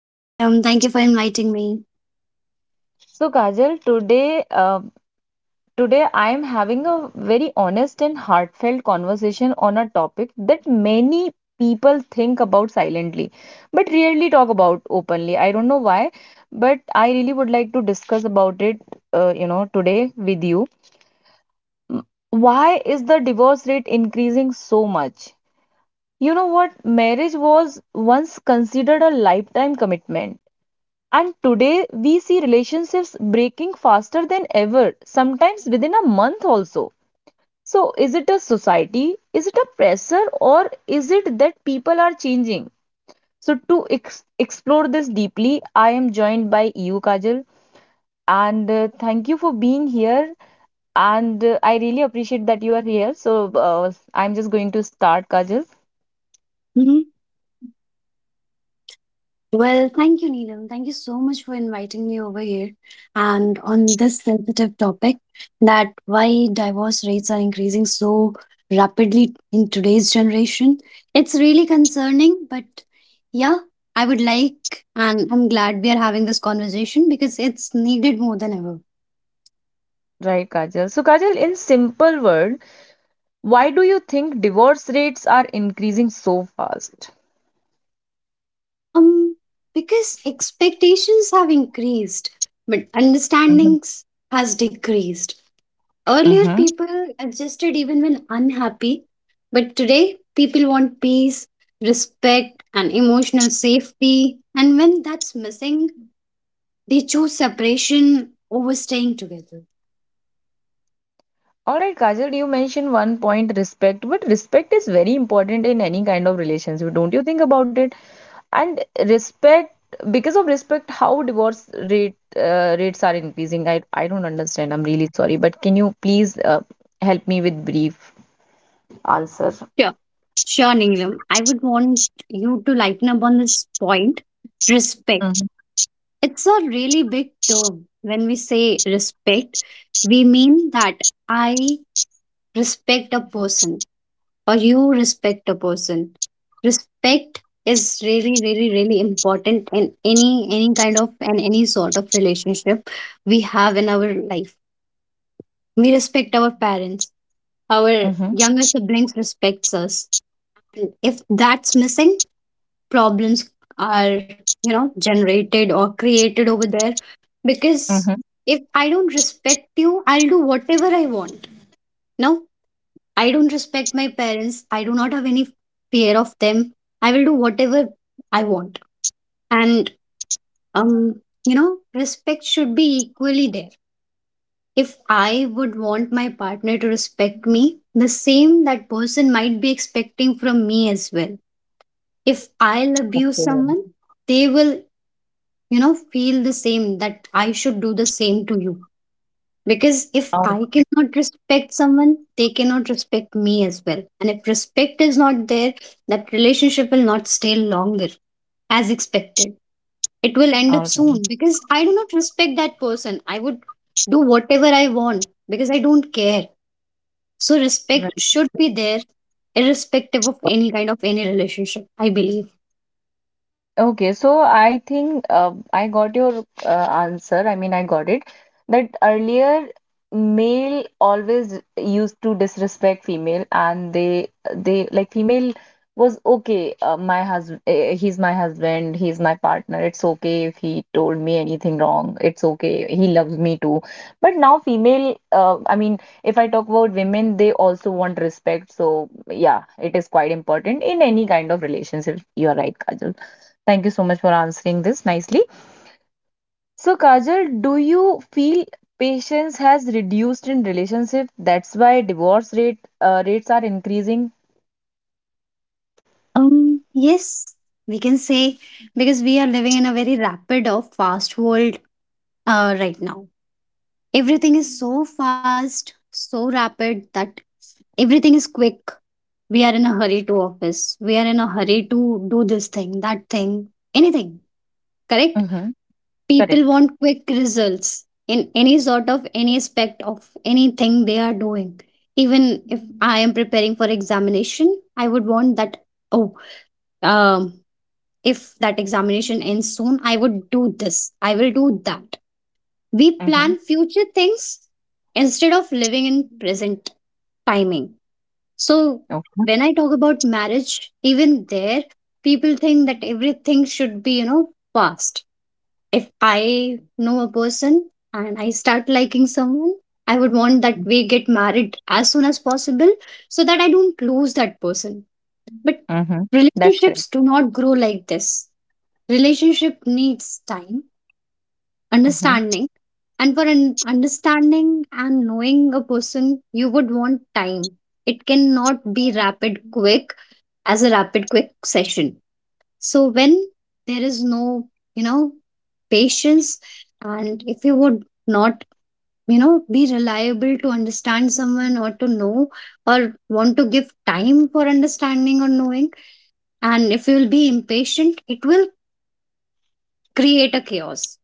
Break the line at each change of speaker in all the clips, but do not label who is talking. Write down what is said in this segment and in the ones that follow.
Hi, Neelam. Thank you for inviting me.
So Kajal, today I am having a very honest and heartfelt conversation on a topic that many people think about silently but rarely talk about openly. I don't know why, but I really would like to discuss about it you know today with you. M- Why is the divorce rate increasing so much? You know what? Marriage was once considered a lifetime commitment. And today we see relationships breaking faster than ever, sometimes within a month also. So, is it a society? Is it a pressure? Or is it that people are changing? So, to explore this deeply, I am joined by you, Kajal. And thank you for being here. And I really appreciate that you are here. So, I'm just going to start, Kajal.
Mhm. Well, thank you, Neelam. Thank you so much for inviting me over here and on this sensitive topic that why divorce rates are increasing so rapidly in today's generation. It's really concerning, but yeah, I would like and I'm glad we are having this conversation because it's needed more than ever.
Right, Kajal. So, Kajal, in simple word, why do you think divorce rates are increasing so fast?
Um, because expectations have increased, but understandings has decreased. Earlier,
Mm-hmm.
people adjusted even when unhappy, but today, people want peace, respect, and emotional safety. And when that's missing, they choose separation over staying together.
All right, Kajal, you mentioned one point, respect, but respect is very important in any kind of relationship. Don't you think about it? And respect, because of respect, how divorce rates are increasing. I don't understand. I'm really sorry, but can you please help me with brief answer?
Sure. Sure, Neelam, I would want you to lighten up on this point. Respect.
Mm-hmm.
It's a really big term. When we say respect, we mean that I respect a person, or you respect a person. Respect is really, really, really important in any kind of and any sort of relationship we have in our life. We respect our parents. Our
Mm-hmm.
younger siblings respects us. If that's missing, problems are generated or created over there, because
Mm-hmm.
if I don't respect you, I'll do whatever I want. Now I don't respect my parents. I do not have any fear of them. I will do whatever I want. And um, respect should be equally there. If I would want my partner to respect me, the same that person might be expecting from me as well. If I'll abuse
Okay.
someone, they will, feel the same that I should do the same to you. Because if
All,
I cannot respect someone, they cannot respect me as well. And if respect is not there, that relationship will not stay longer as expected. It will end
all
up
right.
soon because I do not respect that person. I would do whatever I want because I don't care. So respect should be there, irrespective of any kind of any relationship, I believe.
Okay, so I think I got your answer. I mean, I got it. That earlier, male always used to disrespect female, and they like female was okay. My husband, he's my husband, he's my partner. It's okay if he told me anything wrong. It's okay. He loves me too. But now, female, I mean, if I talk about women, they also want respect. So yeah, it is quite important in any kind of relationship. You're right, Kajal. Thank you so much for answering this nicely. So, Kajal, do you feel patience has reduced in relationship? That's why divorce rates are increasing.
Yes, we can say, because we are living in a very rapid or fast world right now. Everything is so fast, so rapid that everything is quick. We are in a hurry to office. We are in a hurry to do this thing, that thing, anything. Correct?
Mm-hmm.
People
Correct.
want quick results in any sort of any aspect of anything they are doing. Even if I am preparing for examination, I would want that. Oh, um, if that examination ends soon, I would do this. I will do that. We
Mm-hmm.
plan future things instead of living in present timing. So,
Okay.
when I talk about marriage, even there, people think that everything should be past. If I know a person and I start liking someone, I would want that we get married as soon as possible so that I don't lose that person. But
Mm-hmm. That's correct.
relationships do not grow like this. Relationship needs time,
Mm-hmm.
understanding. And for an understanding and knowing a person, you would want time. It cannot be rapid quick, as a rapid quick session. So when there is no you know patience, and if you would not be reliable to understand someone or to know, or want to give time for understanding or knowing, and if you will be impatient, it will create a chaos,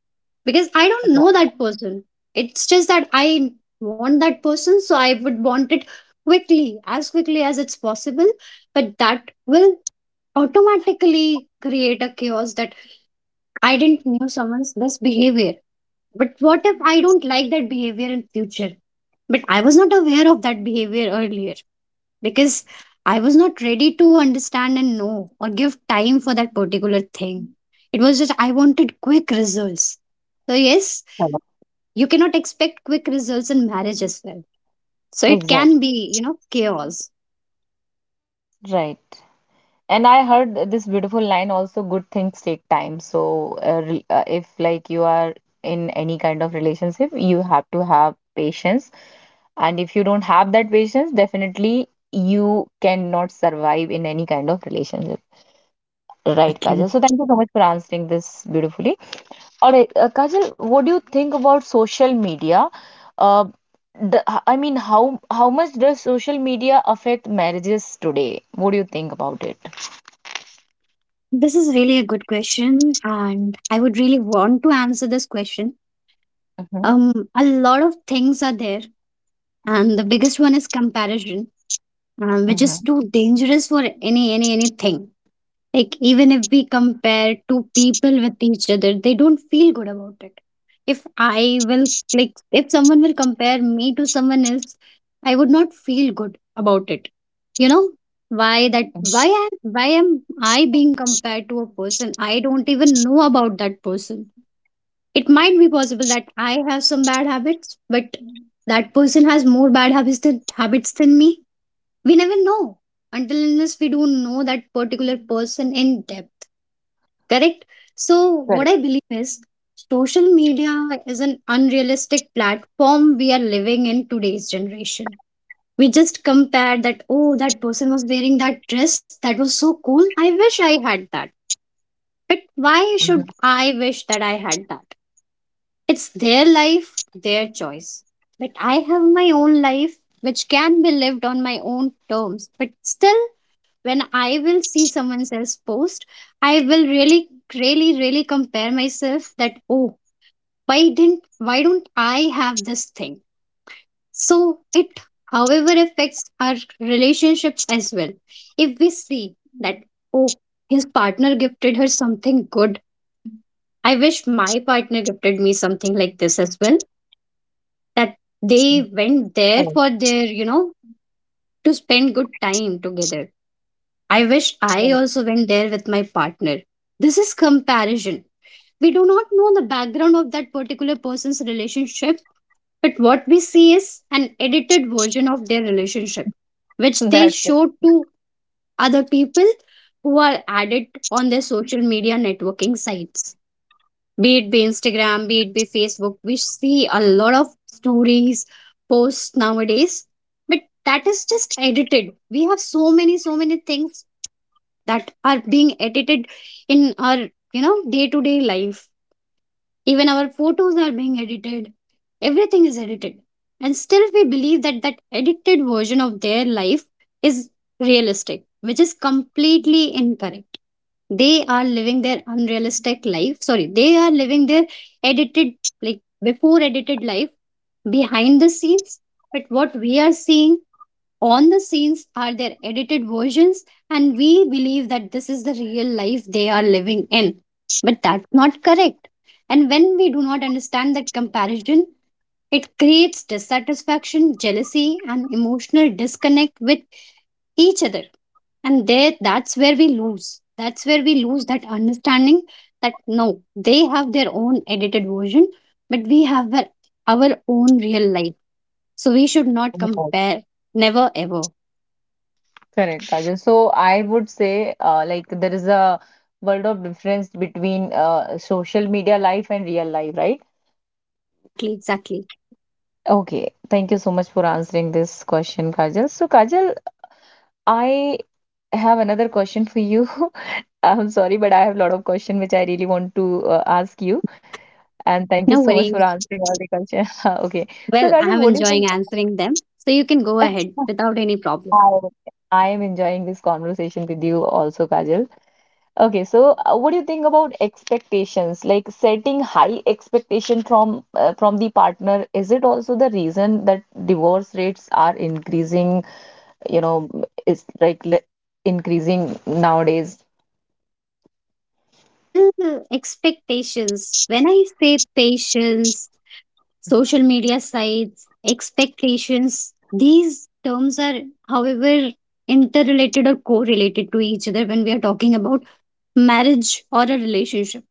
because I don't know that person. It's just that I want that person, so I would want it quickly as it's possible. But that will automatically create a chaos that I didn't knew someone's this behavior. But what if I don't like that behavior in future? But I was not aware of that behavior earlier because I was not ready to understand and know or give time for that particular thing. It was just I wanted quick results. So, yes, you cannot expect quick results in marriage as well. So, it
Exact.
can be chaos.
Right. And I heard this beautiful line also, good things take time. So, if like you are in any kind of relationship, you have to have patience. And if you don't have that patience, definitely you cannot survive in any kind of relationship. Right, Kajal.
Exactly.
So thank you so much for answering this beautifully. All right, Kajal, what do you think about social media? Uh, the, I mean, how much does social media affect marriages today? What do you think about it?
This is really a good question, and I would really want to answer this question.
Mm-hmm,
A lot of things are there, and the biggest one is comparison, which
mm-hmm.
is too dangerous for anything. Like, even if we compare two people with each other, they don't feel good about it. If I will, like, if someone will compare me to someone else, I would not feel good about it. You know, why am I being compared to a person? I don't even know about that person. It might be possible that I have some bad habits, but that person has more bad habits than me. We never know until unless we don't know that particular person in depth. Correct? So,
Correct.
what I believe is, social media is an unrealistic platform we are living in today's generation. We just compare that, oh, that person was wearing that dress. That was so cool. I wish I had that. But why should
Mhm.
I wish that I had that? It's their life, their choice. But I have my own life, which can be lived on my own terms. But still, when I will see someone else's post, I will really, really, really compare myself that, oh, why don't I have this thing? So it, however, affects our relationships as well. If we see that, oh, his partner gifted her something good, I wish my partner gifted me something like this as well. That they went there
Correct.
for their to spend good time together. I wish I
Correct.
also went there with my partner. This is comparison. We do not know the background of that particular person's relationship, but what we see is an edited version of their relationship, which they
That's
show to other people who are added on their social media networking sites. Be it be Instagram, be it be Facebook, we see a lot of stories, posts nowadays, but that is just edited. We have so many, so many things that are being edited in our day to day life. Even our photos are being edited. Everything is edited, and still we believe that that edited version of their life is realistic, which is completely incorrect. They are living their unrealistic life. Sorry, they are living their edited, like, before edited life behind the scenes. But what we are seeing on the scenes are their edited versions, and we believe that this is the real life they are living in. But that's not correct. And when we do not understand that comparison, it creates dissatisfaction, jealousy, and emotional disconnect with each other. And there, that's where we lose. That's where we lose that understanding that no, they have their own edited version, but we have our own real life. So we should not
it.
compare, never ever.
Correct, Kajal. So I would say, like there is a world of difference between social media life and real life, right?
Exactly, exactly.
Okay, thank you so much for answering this question, Kajal. So Kajal, I have another question for you. I'm sorry, but I have a lot of questions which I really want to ask you. And thank you
No
so much for
worries.
answering all the questions. Okay, so
Well,
Kajal,
I'm
what do you
enjoying answering them. So you can go
think?
ahead without any problem.
I am enjoying this conversation with you also, Kajal. Okay, so what do you think about expectations? Like setting high expectation from the partner, is it also the reason that divorce rates are increasing, you know, is increasing nowadays?
Well, expectations. When I say patience, social media sites, expectations, these terms are, however, interrelated or correlated to each other when we are talking about marriage or a relationship.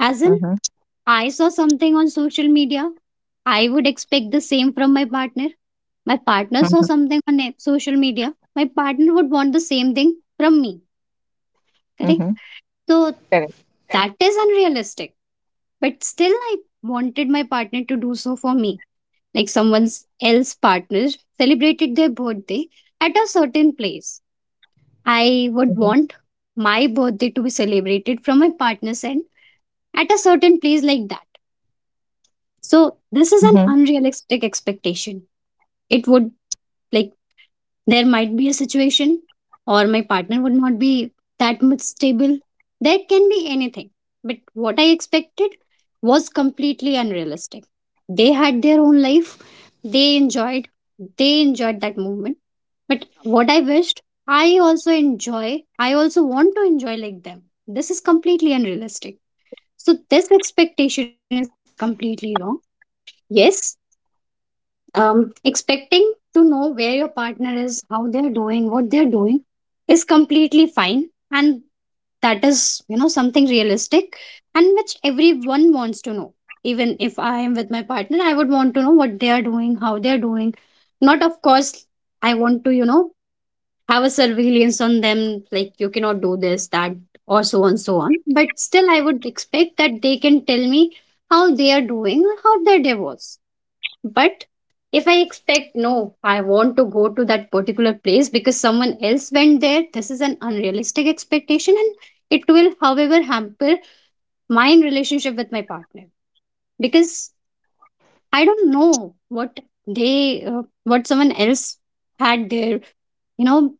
As in,
Mm-hmm.
I saw something on social media, I would expect the same from my partner. My partner saw
Mm-hmm.
something on social media, my partner would want the same thing from me, correct?
Mm-hmm.
So
Correct.
that is unrealistic. But still, I wanted my partner to do so for me. Like someone else partner celebrated their birthday at a certain place. I would want my birthday to be celebrated from my partner's end at a certain place like that. So this is an
Mm-hmm.
unrealistic expectation. It would, like, there might be a situation or my partner would not be that much stable. There can be anything, but what I expected was completely unrealistic. They had their own life. They enjoyed they enjoyed that moment. But what I wished, I also enjoy. I also want to enjoy like them. This is completely unrealistic. So this expectation is completely wrong. Yes, expecting to know where your partner is, how they're doing, what they're doing is completely fine. And that is something realistic, and which everyone wants to know. Even if I am with my partner, I would want to know what they are doing, how they're doing. Not, of course, I want to have a surveillance on them, like you cannot do this, that, or so on, so on. But still, I would expect that they can tell me how they are doing or how their day was. But if I expect, no, I want to go to that particular place because someone else went there, this is an unrealistic expectation, and it will, however, hamper my relationship with my partner, because I don't know what they, what someone else had their, you know,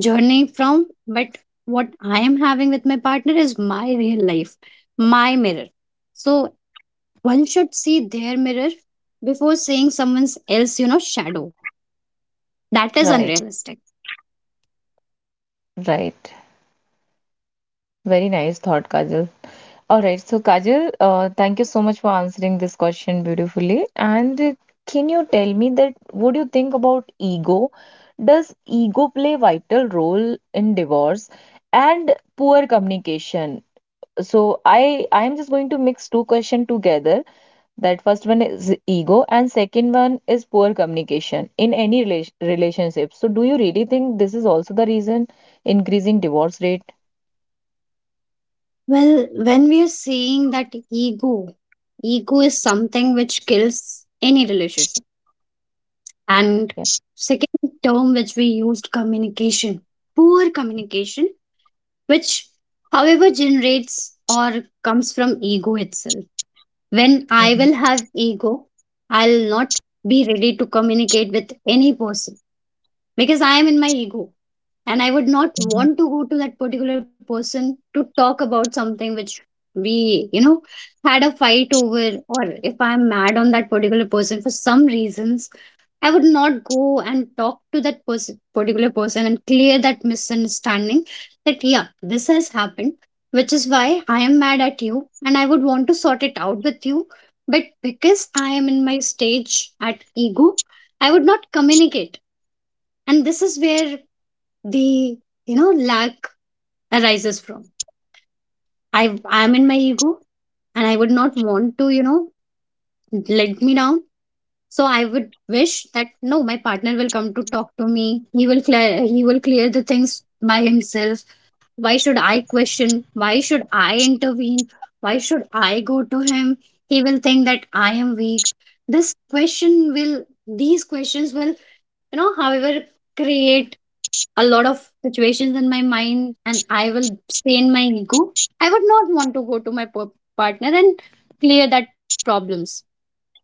journey from, but what I am having with my partner is my real life, my mirror. So one should see their mirror before seeing someone else, shadow. That is
Right,
unrealistic.
right. Very nice thought, Kajal. All right, so Kajal, thank you so much for answering this question beautifully. And can you tell me that what do you think about ego? Does ego play vital role in divorce and poor communication? So I am just going to mix two questions together. That first one is ego, and second one is poor communication in any relationship. So do you really think this is also the reason increasing divorce rate?
Well, when we are saying that ego is something which kills any relationship. And
Yeah.
second term which we used, communication, poor communication, which however generates or comes from ego itself. When I
Mm-hmm.
will have ego, I'll not be ready to communicate with any person because I am in my ego. And I would not want to go to that particular person to talk about something which we had a fight over, or if I'm mad on that particular person for some reasons, I would not go and talk to that person particular person and clear that misunderstanding, that yeah, this has happened, which is why I am mad at you and I would want to sort it out with you. But because I am in my stage at ego, I would not communicate. And this is where the lack arises from. I i am in my ego and I would not want to, let me down. So I would wish that no, my partner will come to talk to me, he will clear, he will clear the things by himself. Why should I question? Why should I intervene? Why should I go to him? He will think that I am weak. This question will these questions will, however, create a lot of situations in my mind, and I will strain my ego. I would not want to go to my partner and clear that problems.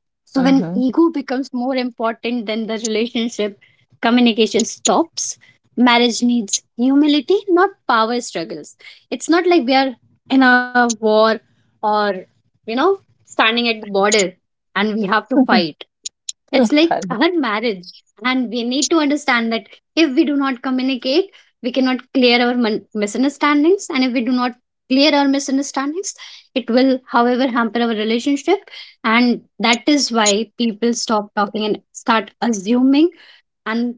So when
Mm-hmm.
ego becomes more important than the relationship, communication stops. Marriage needs humility, not power struggles. It's not like we are in a war or, you know, standing at the border and we have to fight. It's like our marriage. And we need to understand that if we do not communicate, we cannot clear our misunderstandings. And if we do not clear our misunderstandings, it will, however, hamper our relationship. And that is why people stop talking and start assuming. And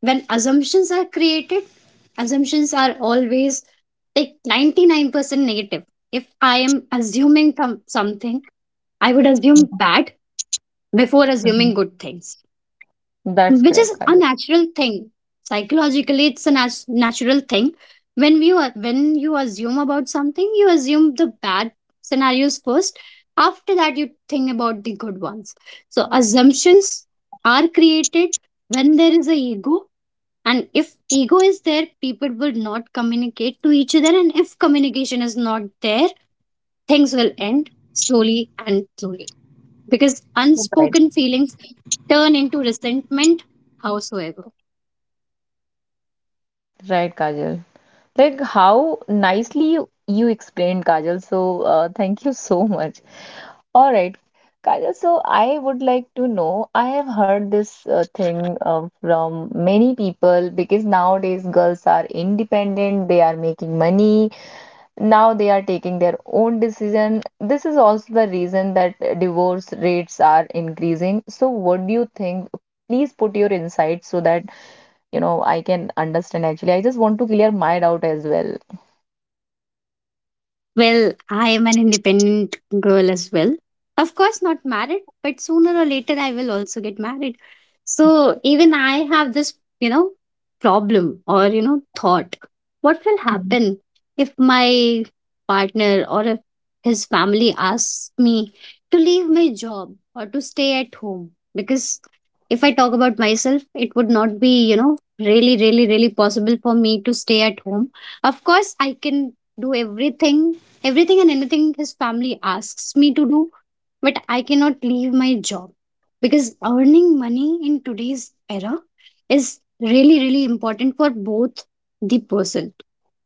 when assumptions are created, assumptions are always like 99% negative. If I am assuming something, I would assume bad before assuming good things,
That's
which is
correct,
a
Kajal.
natural thing. Psychologically, it's a natural thing. When when you assume about something, you assume the bad scenarios first. After that, you think about the good ones. So assumptions are created when there is a ego. And if ego is there, people will not communicate to each other. And if communication is not there, things will end slowly and slowly, because
Right.
unspoken feelings turn into resentment, howsoever.
Right, Kajal. Like how nicely you explained, Kajal. So thank you so much. All right, Kajal. So I would like to know. I have heard this thing from many people because nowadays girls are independent. They are making money. Now they are taking their own decision. This is also the reason that divorce rates are increasing. So what do you think? Please put your insights so that you know, I can understand actually. I just want to clear my doubt as well.
Well, I am an independent girl as well. Of course, not married, but sooner or later I will also get married. So even I have this, problem or, thought. What will
Mhm.
happen if my partner or if his family asks me to leave my job or to stay at home? Because if I talk about myself, it would not be, really, really, really possible for me to stay at home. Of course, I can do everything. Everything and anything his family asks me to do, but I cannot leave my job, because earning money in today's era is really, really important for both the person.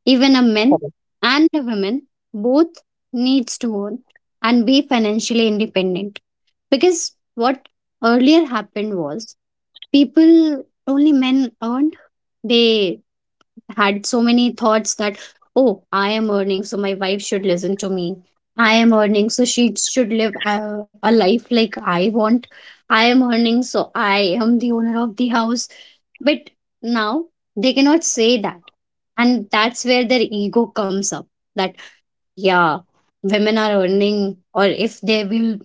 Even a man
Correct.
and a woman, both needs to earn and be financially independent. Because what earlier happened was, people, only men earned. They had so many thoughts that, oh, I am earning, so my wife should listen to me. I am earning, so she should live a life like I want. I am earning, so I am the owner of the house. But now they cannot say that. And that's where their ego comes up, that yeah, women are earning, or if they will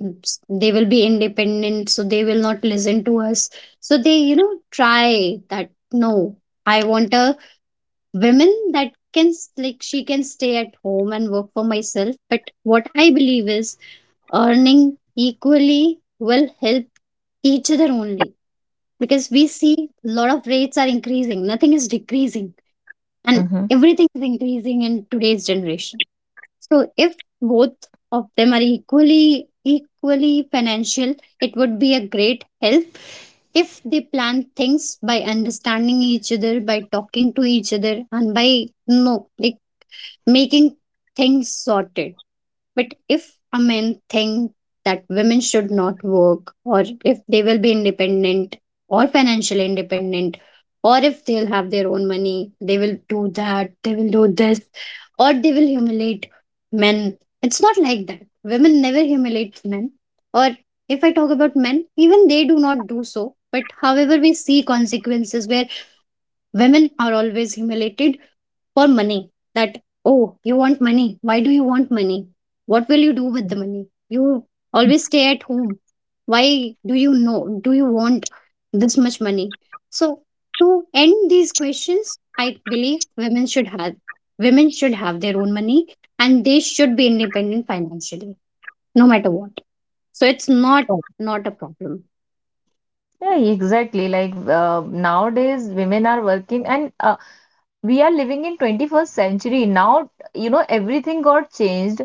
they will be independent, so they will not listen to us. So they, try that no, I want a women that can like, she can stay at home and work for myself. But what I believe is, earning equally will help each other only. Because we see a lot of rates are increasing, nothing is decreasing, and
Hmm.
everything is increasing in today's generation. So if both of them are equally financial, it would be a great help if they plan things by understanding each other, by talking to each other, and by no, like making things sorted. But if a man think that women should not work, or if they will be independent or financially independent, or if they'll have their own money, they will do that, they will do this, or they will humiliate men. It's not like that. Women never humiliate men. Or if I talk about men, even they do not do so. But however, we see consequences where women are always humiliated for money, that oh, you want money, why do you want money, what will you do with the money, you always stay at home, why, do you know, do you want this much money? So to end these questions, I believe women should have, women should have their own money, and they should be independent financially, no matter what. So it's
Correct.
not a problem.
Yeah, exactly. Like nowadays, women are working, and we are living in 21st century. Now, you know, everything got changed,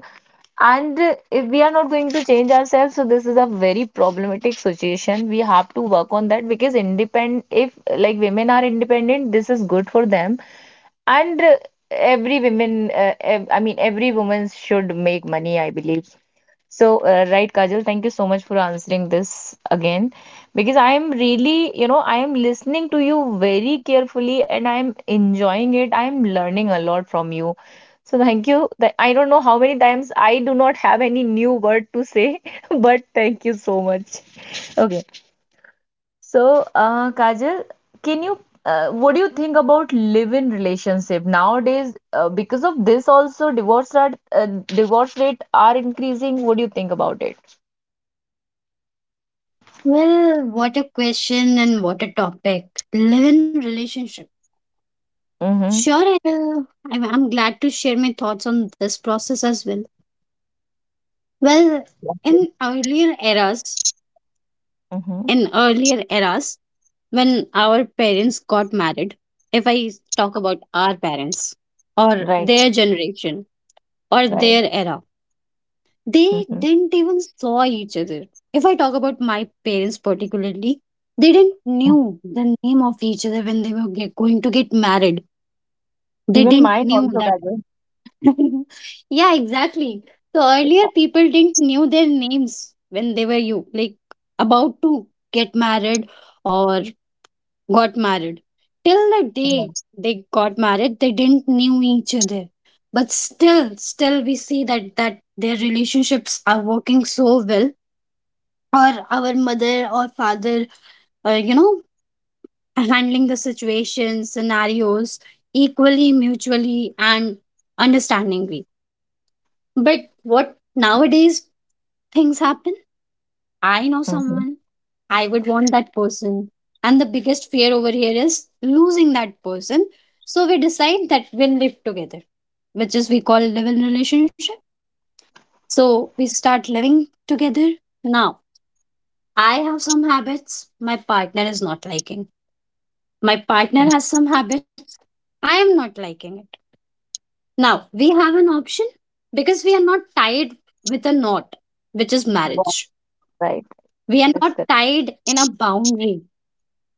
and if we are not going to change ourselves, so this is a very problematic situation. We have to work on that because independent, if like women are independent, this is good for them, and every women, ev I mean, every woman should make money, I believe. So, right, Kajal, thank you so much for answering this again because I am really, you know, I am listening to you very carefully and I am enjoying it. I am learning a lot from you. So, thank you. I don't know how many times I do not have any new word to say, but thank you so much. Okay. So, Kajal, can you, what do you think about live-in relationship nowadays? Because of this also, divorce rate are increasing. What do you think about it?
Well, what a question and what a topic. Live in relationship.
Mhm.
Sure, I will. I'm glad to share my thoughts on this process as well. Well, in earlier eras,
Mhm.
in earlier eras, when our parents got married, if I talk about our parents or
Right.
their generation or
Right.
their era, they
Mhm.
didn't even saw each other. If I talk about my parents particularly, they didn't knew the name of each other when they were get, going to get married. They
Even
didn't
mine
knew
also
that.
Kajal.
Yeah, exactly. So earlier people didn't knew their names when they were you, like about to get married or got married. Till the day
Yes.
they got married, they didn't knew each other. But still, still we see that that their relationships are working so well. Or our mother or father, you know, handling the situations, scenarios equally, mutually, and understandingly. But what nowadays things happen? I know
Mm-hmm.
someone, I would want that person. And the biggest fear over here is losing that person. So we decide that we'll live together, which is we call live in relationship. So we start living together. Now, I have some habits my partner is not liking. My partner has
Mm-hmm.
some habits I am not liking it. Now, we have an option, because we are not tied with a knot, which is
Yeah,
marriage.
right.
We are
That's
not
correct.
tied in a boundary,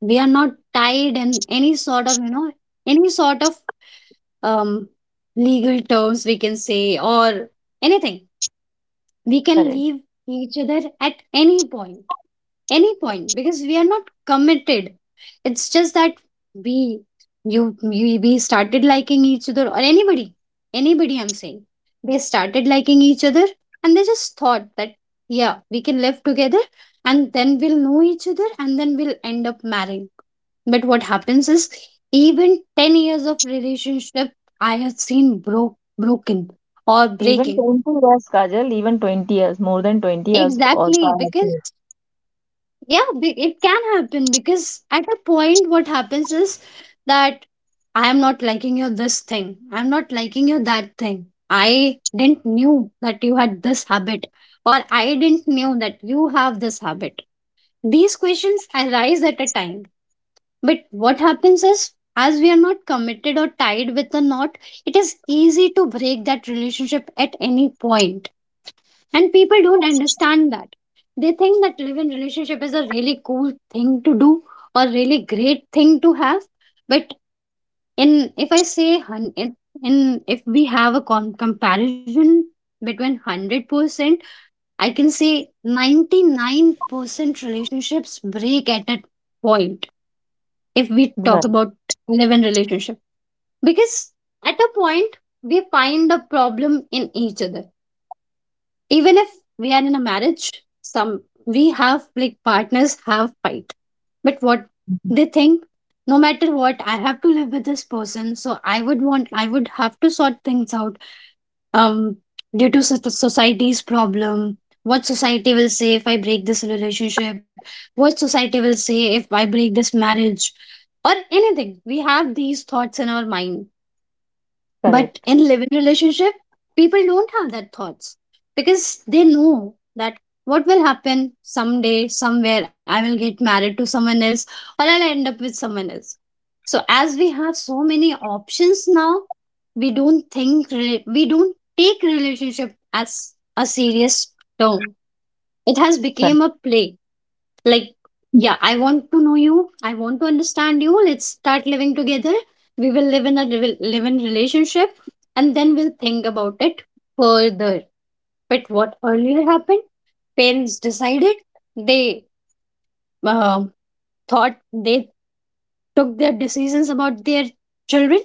we are not tied in any sort of, any sort of, um legal terms we can say, or anything. We can
Correct.
leave each other at any point, any point, because we are not committed. It's just that we we started liking each other, or anybody. Anybody I'm saying. They started liking each other and they just thought that yeah, we can live together and then we'll know each other and then we'll end up marrying. But what happens is, even 10 years of relationship I have seen broken or
Even
breaking.
20 years, Kajal, even 20 years, more than 20 years also I
Exactly,
have
because
to.
yeah, it can happen because at a point what happens is that, I am not liking you this thing, I'm not liking you that thing. I didn't knew that you had this habit, or I didn't knew that you have this habit. These questions arise at a time. But what happens is, as we are not committed or tied with a knot, it is easy to break that relationship at any point. And people don't understand that. They think that live in relationship is a really cool thing to do or really great thing to have. But in, if I say in if we have a comparison between 100%, I can say 99% relationships break at a point if we talk
Right.
about live in relationship. Because at a point we find a problem in each other. Even if we are in a marriage, some, we have like, partners have fight, but what they think, no matter what, I have to live with this person, so I would want, I would have to sort things out. um due to society's problem, what society will say if I break this relationship, what society will say if I break this marriage, or anything, we have these thoughts in our mind. But
Correct.
in living relationship, people don't have that thoughts, because they know that what will happen someday, somewhere, I will get married to someone else or I'll end up with someone else. So as we have so many options now, we don't think we don't take relationship as a serious term. It has
Right.
become a play, like yeah, I want to know you, I want to understand you, let's start living together, we will live in a live in relationship, and then we'll think about it further. But what earlier happened, parents decided, they, um thought, they took their decisions about their children,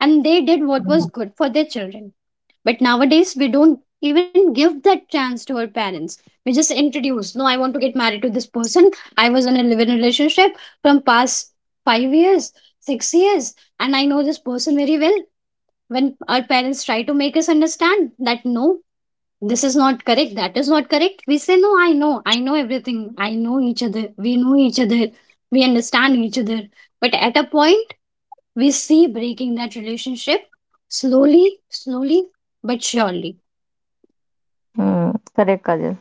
and they did what was good for their children. But nowadays, we don't even give that chance to our parents. We just introduce, no, I want to get married to this person. I was in a living relationship from past 5 years, 6 years, and I know this person very well. When our parents try to make us understand that no, this is not correct, that is not correct, we say, no, I know everything. I know each other. We know each other. We understand each other. But at a point, we see breaking that relationship slowly, slowly, but surely.
Mm. Correct, Kajal.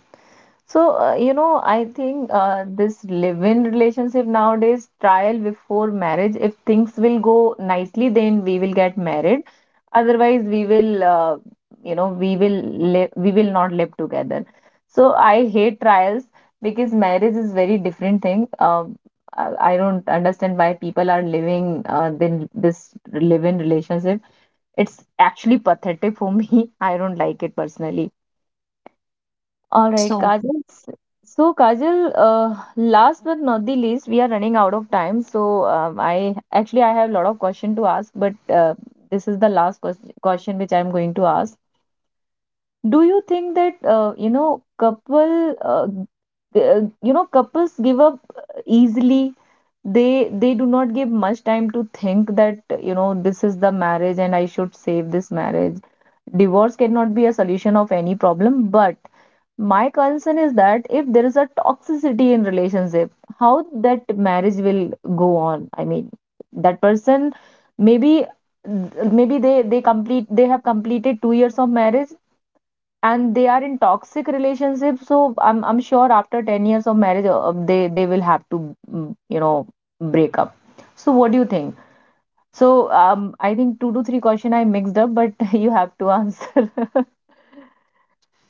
So, you know, I think this live-in relationship nowadays, trial before marriage, if things will go nicely, then we will get married. Otherwise, we will, you know, we will not live together. So I hate trials because marriage is very different thing. I don't understand why people are living then this live-in relationship. It's actually pathetic for me. I don't like it personally. All
Me
right,
so.
Kajal. So, Kajal, last but not the least, we are running out of time. So, I actually I have a lot of question to ask, but uh, this is the last question which I'm going to ask. Do you think that you know couple uh, g- uh, you know couples give up easily? They they do not give much time to think that you know this is the marriage and I should save this marriage. Divorce cannot be a solution of any problem, but my concern is that if there is a toxicity in relationship, how that marriage will go on. I mean, that person, maybe maybe they have completed 2 years of marriage and they are in toxic relationship, so I'm sure after 10 years of marriage they will have to you know break up. So what do you think? So I think 2 to 3 question I mixed up, but you have to answer.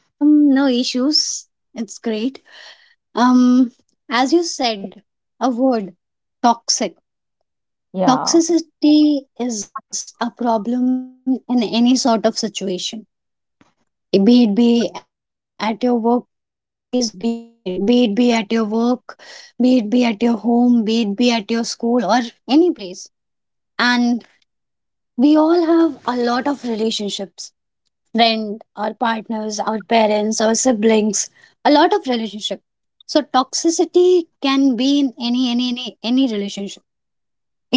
No issues. It's great. Um, as you said, a word, toxic.
Yeah.
Toxicity is a problem in any sort of situation. Be it be at your workplace, be it be at your work, be it be at your home, be it be at your school or any place. And we all have a lot of relationships friend, our partners, our parents, our siblings, a lot of relationship. So toxicity can be in any relationship.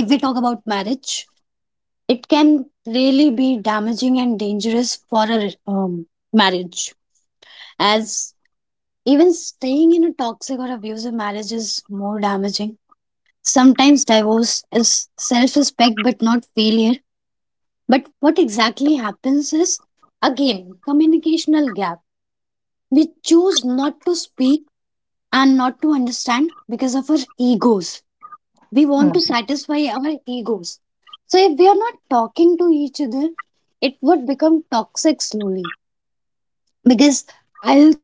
If we talk about marriage, it can really be damaging and dangerous for a um, marriage. As even staying in a toxic or abusive marriage is more damaging. Sometimes divorce is self-respect but not failure. But what exactly happens is again communicational gap. We choose not to speak and not to understand because of our egos. We
Hmm.
want to satisfy our egos. So if we are not talking to each other, it would become toxic slowly because I'll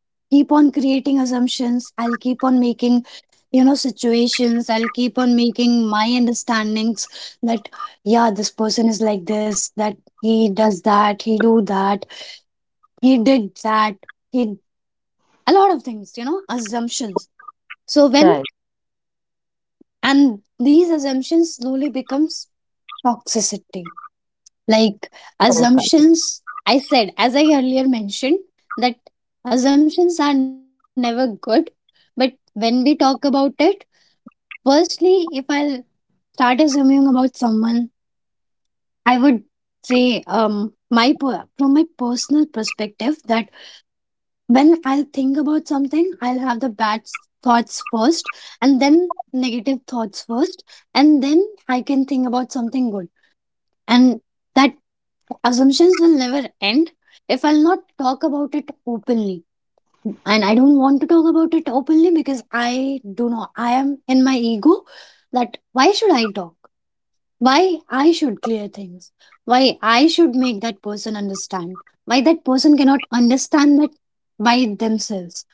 keep on creating assumptions. I'll keep on making, you know, situations. I'll keep on making my understandings that, yeah, this person is like this, that he does that, he do that, he did that, he a lot of things, you know, assumptions. So when
Right.
and these assumptions slowly becomes toxicity. Like
Correct, correct.
assumptions, I said, as I earlier mentioned, that assumptions are never good. But when we talk about it, firstly, if I start assuming about someone, I would say, from my personal perspective, that when I'll think about something, I'll have the thoughts first and then negative thoughts first, and then I can think about something good. And that assumptions will never end if I'll not talk about it openly. And I don't want to talk about it openly because I do not, I am in my ego that why should I talk? Why I should clear things? Why I should make that person understand? Why that person cannot understand that by themselves?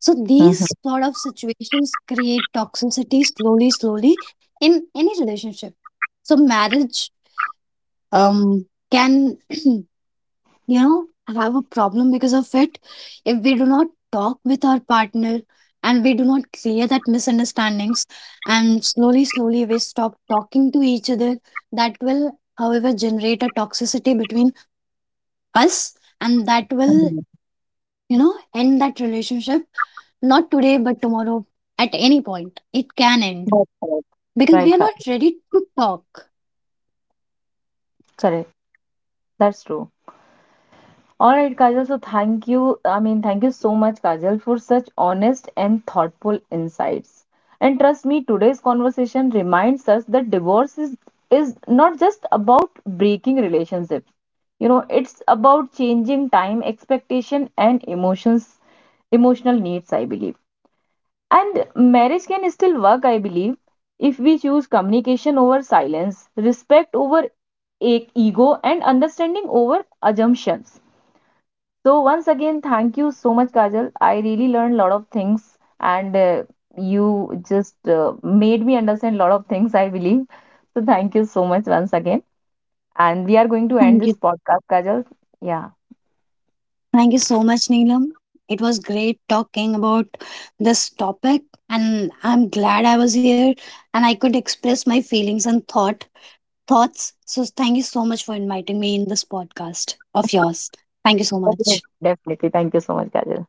So these sort of situations create toxicity slowly, slowly in any relationship. So marriage um can you know have a problem because of it if we do not talk with our partner and we do not clear that misunderstandings and slowly slowly we stop talking to each other. That will however generate a toxicity between us, and that will,
Mhm.
you know, end that relationship. Not today, but tomorrow. At any point, it can end
That's correct.
because
Right,
we are
Ka-
not ready to talk.
Correct. That's true. All right, Kajal. So thank you. I mean, thank you so much, Kajal, for such honest and thoughtful insights. And trust me, today's conversation reminds us that divorce is not just about breaking relationships. You know, it's about changing time, expectation, and emotional needs, I believe. And marriage can still work, I believe, if we choose communication over silence, respect over ego, and understanding over assumptions. So, once again, thank you so much, Kajal. I really learned a lot of things, and you just made me understand a lot of things, I believe. So, thank you so much once again. And we are going to end this
Thank you.
podcast, Kajal. Yeah,
Thank you so much, Neelam. It was great talking about this topic, and I'm glad I was here and I could express my feelings and thoughts. So thank you so much for inviting me in this podcast of yours. Thank you so much.
definitely. Definitely. Thank you so much, Kajal.